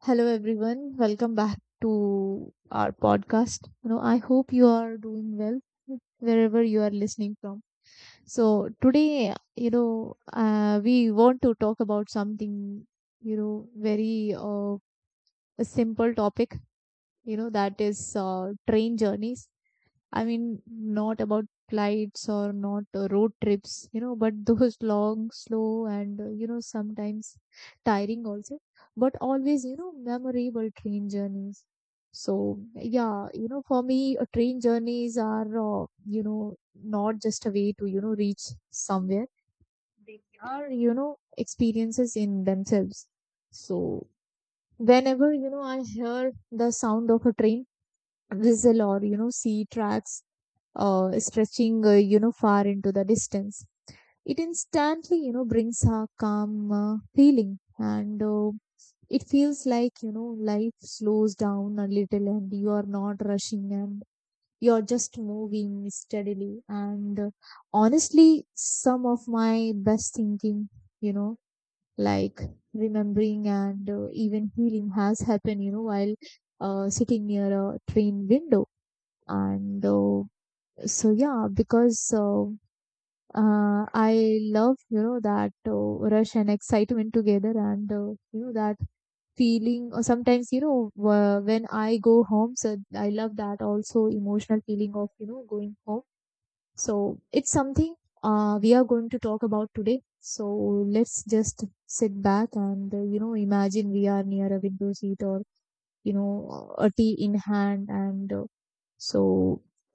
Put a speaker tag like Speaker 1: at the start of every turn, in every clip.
Speaker 1: Hello, everyone. Welcome back to our podcast. I hope you are doing well wherever you are listening from. So today, we want to talk about something, very, a simple topic. That is train journeys. I mean, not about flights or not road trips, but those long, slow, and sometimes tiring also, but always, memorable train journeys. So, yeah, for me, train journeys are, not just a way to, reach somewhere, they are, experiences in themselves. So, whenever, I hear the sound of a train whistle or, see tracks stretching, far into the distance. It instantly, brings a calm feeling, and it feels like life slows down a little, and you are not rushing, and you're just moving steadily. And honestly, some of my best thinking, you know, like remembering and even healing has happened, while sitting near a train window. And so, yeah, because I love that rush and excitement together, and that feeling. Or sometimes when I go home, so I love that also emotional feeling of going home. So it's something we are going to talk about today. So let's just sit back and imagine we are near a window seat or a tea in hand, and so,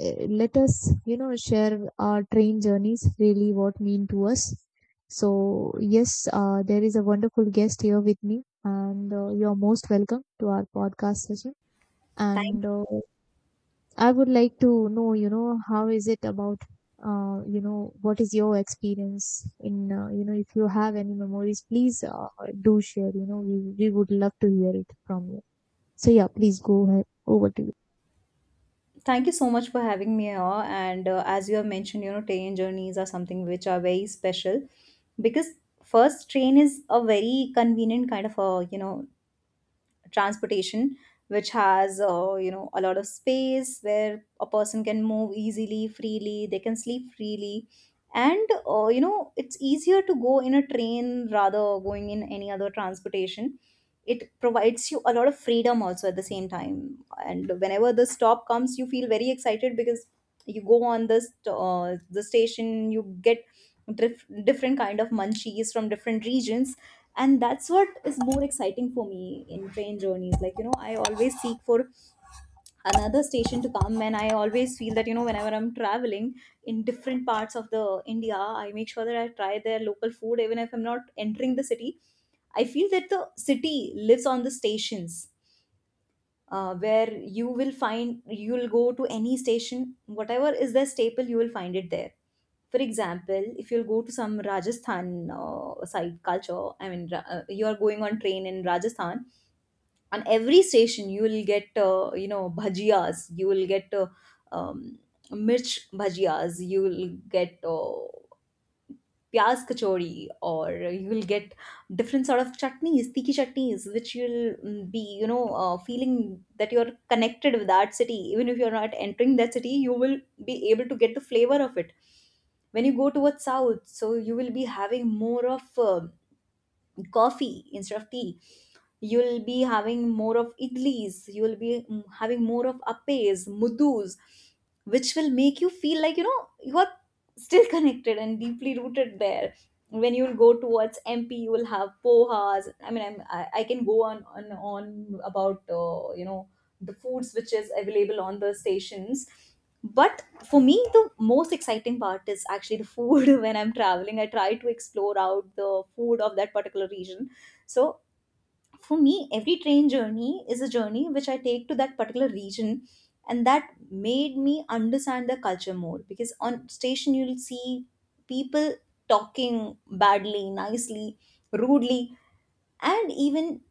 Speaker 1: let us, share our train journeys, really what mean to us. So yes, there is a wonderful guest here with me, and you're most welcome to our podcast session. And I would like to know, how is it about, what is your experience in, if you have any memories, please do share. We would love to hear it from you. So yeah, please go ahead. Over to you.
Speaker 2: Thank you so much for having me here. And as you have mentioned, you know, train journeys are something which are very special because first, train is a very convenient kind of a, you know, transportation which has, you know, a lot of space where a person can move easily, freely, they can sleep freely. And You know, it's easier to go in a train rather going in any other transportation. It provides you a lot of freedom also at the same time, and whenever the stop comes you feel very excited because you go on this the station, you get different kind of munchies from different regions, and that's what is more exciting for me in train journeys. Like, you know, I always seek for another station to come, and I always feel that, you know, whenever I'm traveling in different parts of the india, I make sure that I try their local food even if I'm not entering the city. I feel that the city lives on the stations, where you will find, you will go to any station, whatever is their staple you will find it there. For example, if you'll go to some rajasthan side culture, I mean, you are going on train in rajasthan, on every station you will get, you know, bhajias, you will get um, mirch bhajias, you will get pyaz kachori, or you'll get different sort of chutneys, tikki chutneys, which you'll be, you know, feeling that you're connected with that city. Even if you're not entering that city you will be able to get the flavor of it. When you go towards south, so you will be having more of coffee instead of tea. You'll be having more of idlis, you'll be having more of appes, mudus, which will make you feel like, you know, you are still connected and deeply rooted there. When you'll go towards mp you will have pohas. I mean, I can go on about, you know, the foods which is available on the stations. But for me the most exciting part is actually the food. When I'm traveling I try to explore out the food of that particular region. So for me every train journey is a journey which I take to that particular region, and that made me understand the culture more, because on station you'll see people talking badly, nicely, rudely, and even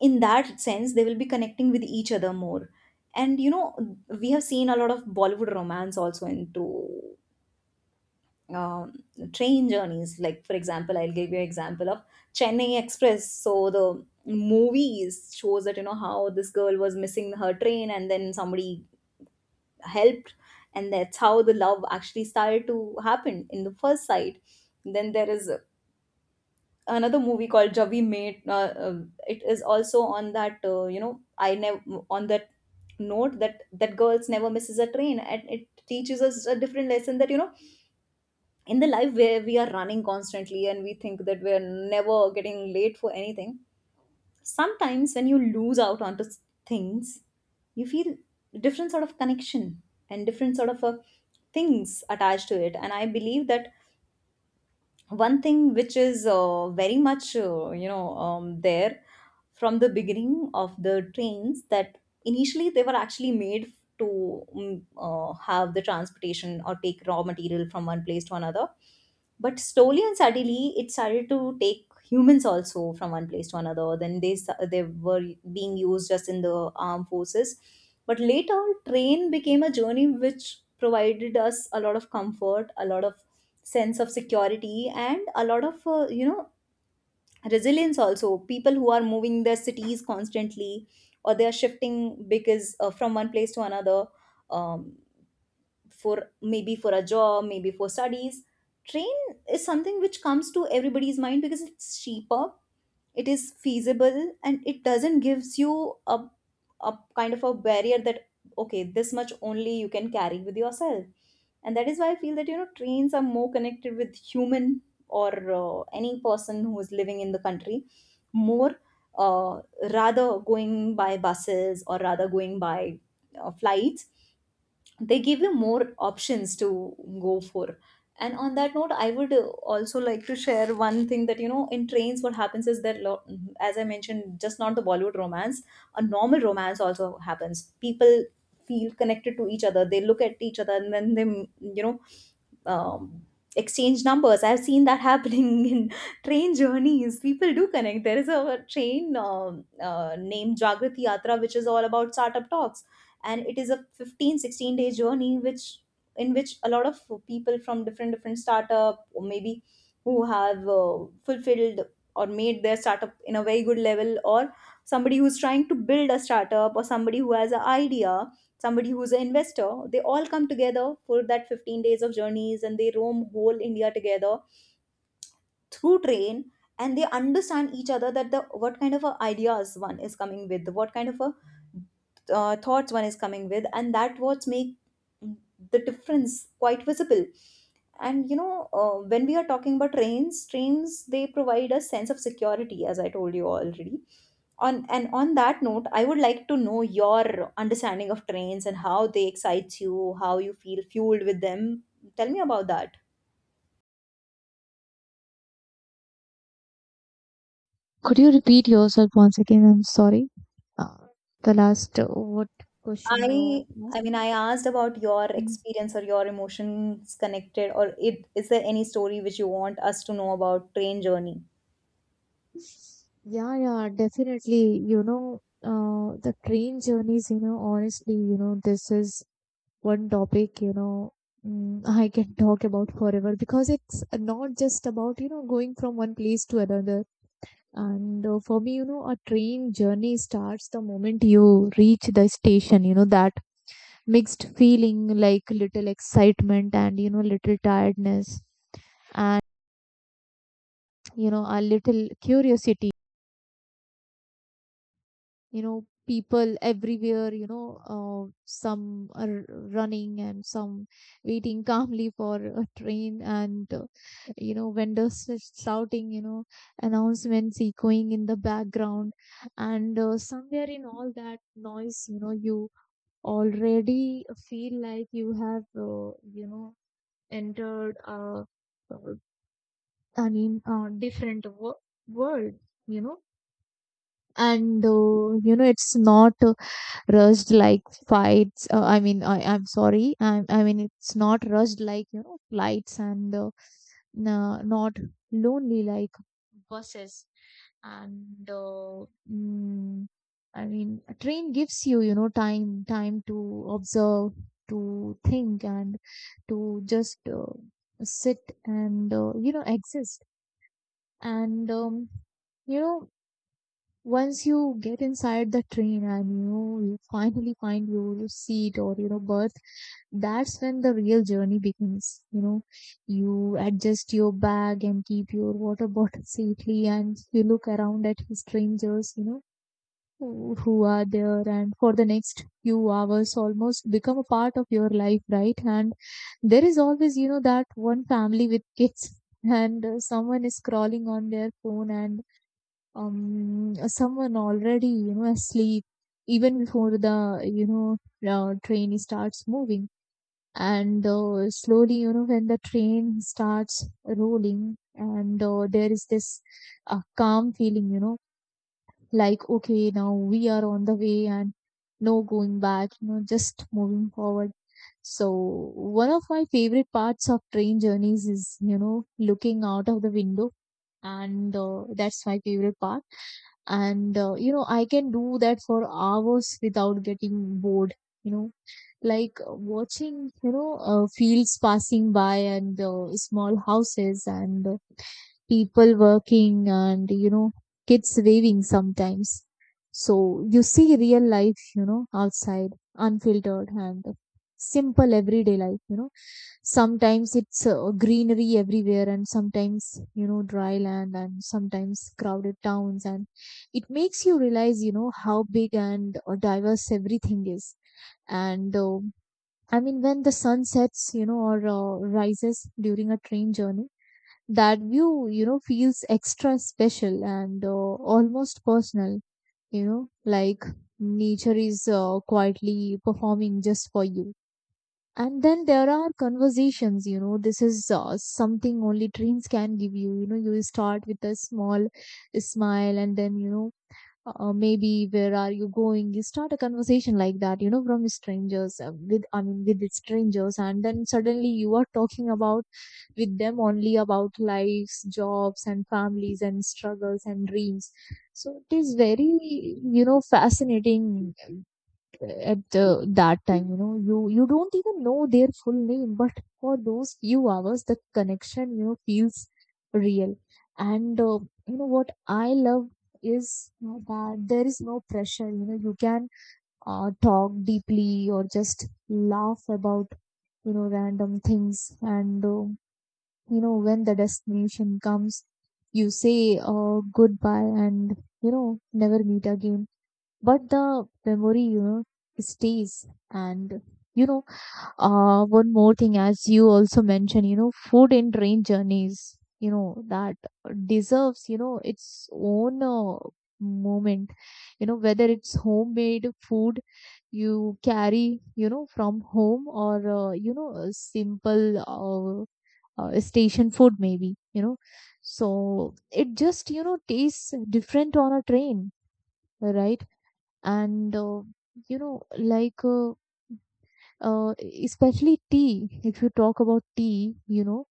Speaker 2: in that sense they will be connecting with each other more. And, you know, we have seen a lot of bollywood romance also into, um, train journeys. Like, for example, I'll give you an example of Chennai Express. So the movies shows that, you know, how this girl was missing her train, and then somebody helped, and that's how the love actually started to happen in the first sight. Then there is another movie called Javi Mate. It is also on that, you know, I never on that note, that girls never misses a train, and it teaches us a different lesson that, you know, in the life where we are running constantly and we think that we're never getting late for anything, sometimes when you lose out onto things, you feel different sort of connection and different sort of, things attached to it. And I believe that one thing which is, very much, you know, there from the beginning of the trains, that initially they were actually made to have the transportation or take raw material from one place to another, but slowly and suddenly it started to take humans also from one place to another. Then they they were being used just in the armed forces, but later train became a journey which provided us a lot of comfort, a lot of sense of security, and a lot of, you know, resilience also. People who are moving their cities constantly, or they are shifting because, from one place to another, um, for maybe for a job, maybe for studies, train is something which comes to everybody's mind because it's cheaper, it is feasible, and it doesn't gives you a kind of a barrier that, okay, this much only you can carry with yourself. And that is why I feel that, you know, trains are more connected with human or, any person who is living in the country more, uh, rather going by buses, or rather going by, flights. They give you more options to go for. And on that note I would, also like to share one thing, that you know in trains what happens is that, as I mentioned, just not the bollywood romance, a normal romance also happens. People feel connected to each other, they look at each other, and then they, you know, um, exchange numbers. I've seen that happening in train journeys. People do connect. There is a train named Jagrati Yatra, which is all about startup talks. And it is a 15-16 day journey, which, in which a lot of people from different different startup, or maybe who have, fulfilled or made their startup in a very good level, or somebody who's trying to build a startup, or somebody who has an idea, somebody who's an investor, they all come together for that 15 days of journeys, and they roam whole india together through train. And they understand each other, that the what kind of a ideas one is coming with, what kind of a, thoughts one is coming with, and that what make the difference quite visible. And you know, when we are talking about trains, they provide a sense of security, as I told you already. On And on that note I would like to know your understanding of trains and how they excite you, how you feel fueled with them. Tell me about that.
Speaker 1: Could you repeat yourself once again? I'm sorry. Uh, the last, what question
Speaker 2: i
Speaker 1: you
Speaker 2: i
Speaker 1: asked?
Speaker 2: mean, I asked about your
Speaker 1: Mm.
Speaker 2: experience or your emotions connected, or it is there any story which you want us to know about train journey.
Speaker 1: Yeah, yeah, definitely. The train journeys, honestly, this is one topic, I can talk about forever, because it's not just about, going from one place to another. And for me, a train journey starts the moment you reach the station, that mixed feeling like little excitement and little tiredness and a little curiosity. People everywhere, some are running and some waiting calmly for a train, and vendors is shouting, announcements echoing in the background. And somewhere in all that noise, you already feel like you have, you know entered a, uh, different world, you know. And it's not rushed like fights I mean I I'm sorry I mean it's not rushed like flights, and not lonely like buses, and mm, a train gives you, you know time to observe, to think, and to just sit and exist. And you know once you get inside the train and you finally find your seat or berth, that's when the real journey begins. You adjust your bag and keep your water bottle safely and you look around at strangers, who are there, and for the next few hours almost become a part of your life, right? And there is always, that one family with kids and someone is scrolling on their phone, and someone already, asleep even before the, you know train starts moving. And slowly, when the train starts rolling, and there is this calm feeling, like okay, now we are on the way and no going back, just moving forward. So one of my favorite parts of train journeys is looking out of the window. And that's my favorite part. And I can do that for hours without getting bored, you know like watching, fields passing by and small houses and people working and kids waving sometimes. So you see real life, outside, unfiltered and simple everyday life. Sometimes it's greenery everywhere, and sometimes dry land, and sometimes crowded towns, and it makes you realize how big and diverse everything is. And I mean, when the sun sets, or rises during a train journey, that view, feels extra special and almost personal, you know like nature is quietly performing just for you. And then there are conversations. This is something only trains can give you. You know You start with a small smile and then, maybe, where are you going? You start a conversation like that, from strangers, with, I mean, with strangers. And then suddenly you are talking about, with them only, about lives, jobs and families and struggles and dreams. So it is very, fascinating at that time. You don't even know their full name, but for those few hours the connection, feels real. And you know what I love is, that there is no pressure. You can talk deeply or just laugh about random things. And when the destination comes, you say goodbye, and never meet again, but the memory, stays. And you know one more thing, as you also mentioned, food and train journeys, that deserves, its own moment. Whether it's homemade food you carry, from home, or a simple, station food, maybe. So it just, tastes different on a train, right? And like, uh, especially tea, if you talk about tea,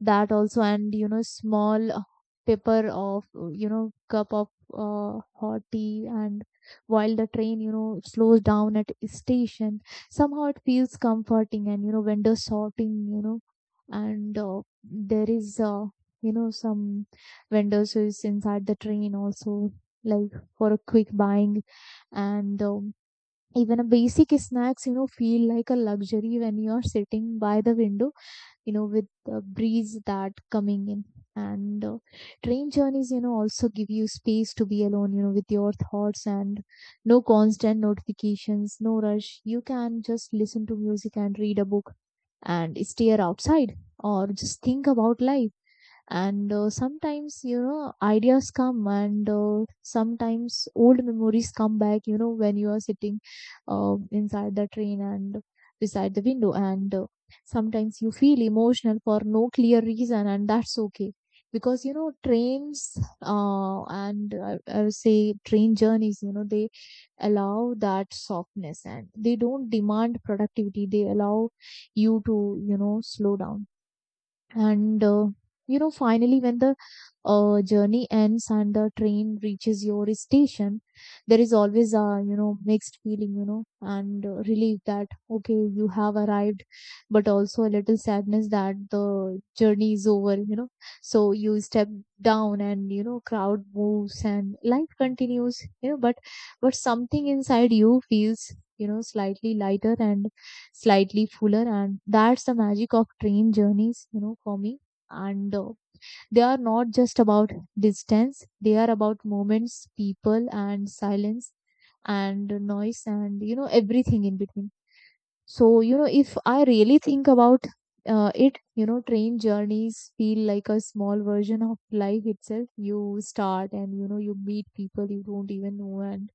Speaker 1: that also. And small, paper of, cup of hot tea, and while the train, slows down at a station, somehow it feels comforting. And window shopping. And there is, some vendors who is inside the train also, like, for a quick buying. And even a basic snacks, feel like a luxury when you're sitting by the window, with the breeze that coming in. And train journeys, also give you space to be alone, with your thoughts, and no constant notifications, no rush. You can just listen to music and read a book and stare outside or just think about life. And sometimes, ideas come, and sometimes old memories come back, when you are sitting inside the train and beside the window. And sometimes you feel emotional for no clear reason, and that's okay. Because trains, and I would say train journeys, they allow that softness, and they don't demand productivity. They allow you to, slow down. And finally, when the journey ends and the train reaches your station, there is always a, mixed feeling, and relief that okay, you have arrived, but also a little sadness that the journey is over. So you step down, and crowd moves and life continues, but something inside you feels, slightly lighter and slightly fuller, and that's the magic of train journeys, for me. And they are not just about distance, they are about moments, people, and silence and noise, and everything in between. So, if I really think about it, train journeys feel like a small version of life itself. You start and, you meet people you don't even know. And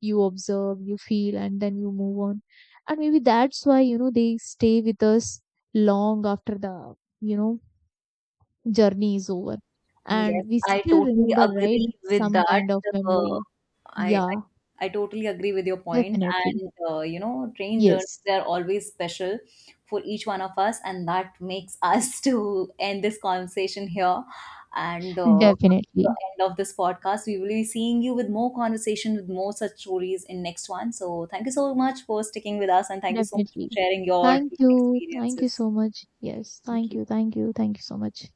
Speaker 1: you observe, you feel, and then you move on. And maybe that's why, they stay with us long after the, you know, journey is over.
Speaker 2: Yes,
Speaker 1: And we
Speaker 2: I
Speaker 1: still
Speaker 2: totally
Speaker 1: remember, right?
Speaker 2: agree with
Speaker 1: Some
Speaker 2: that.
Speaker 1: kind of
Speaker 2: Uh,
Speaker 1: memory.
Speaker 2: I, I
Speaker 1: Yeah,
Speaker 2: I totally agree with your point.
Speaker 1: definitely.
Speaker 2: And You know, train journeys
Speaker 1: Yes,
Speaker 2: they are always special for each one of us, and that makes us to end this conversation here. And Come to the
Speaker 1: definitely.
Speaker 2: end of this podcast, we will be seeing you with more conversation with more such stories in next one. So thank you so much for sticking with us, and thank you so much for
Speaker 1: Definitely.
Speaker 2: sharing your
Speaker 1: Thank
Speaker 2: train
Speaker 1: you. Thank you
Speaker 2: experiences.
Speaker 1: so much. Yes,
Speaker 2: Thank
Speaker 1: thank
Speaker 2: you.
Speaker 1: you. Thank you. Thank you so much.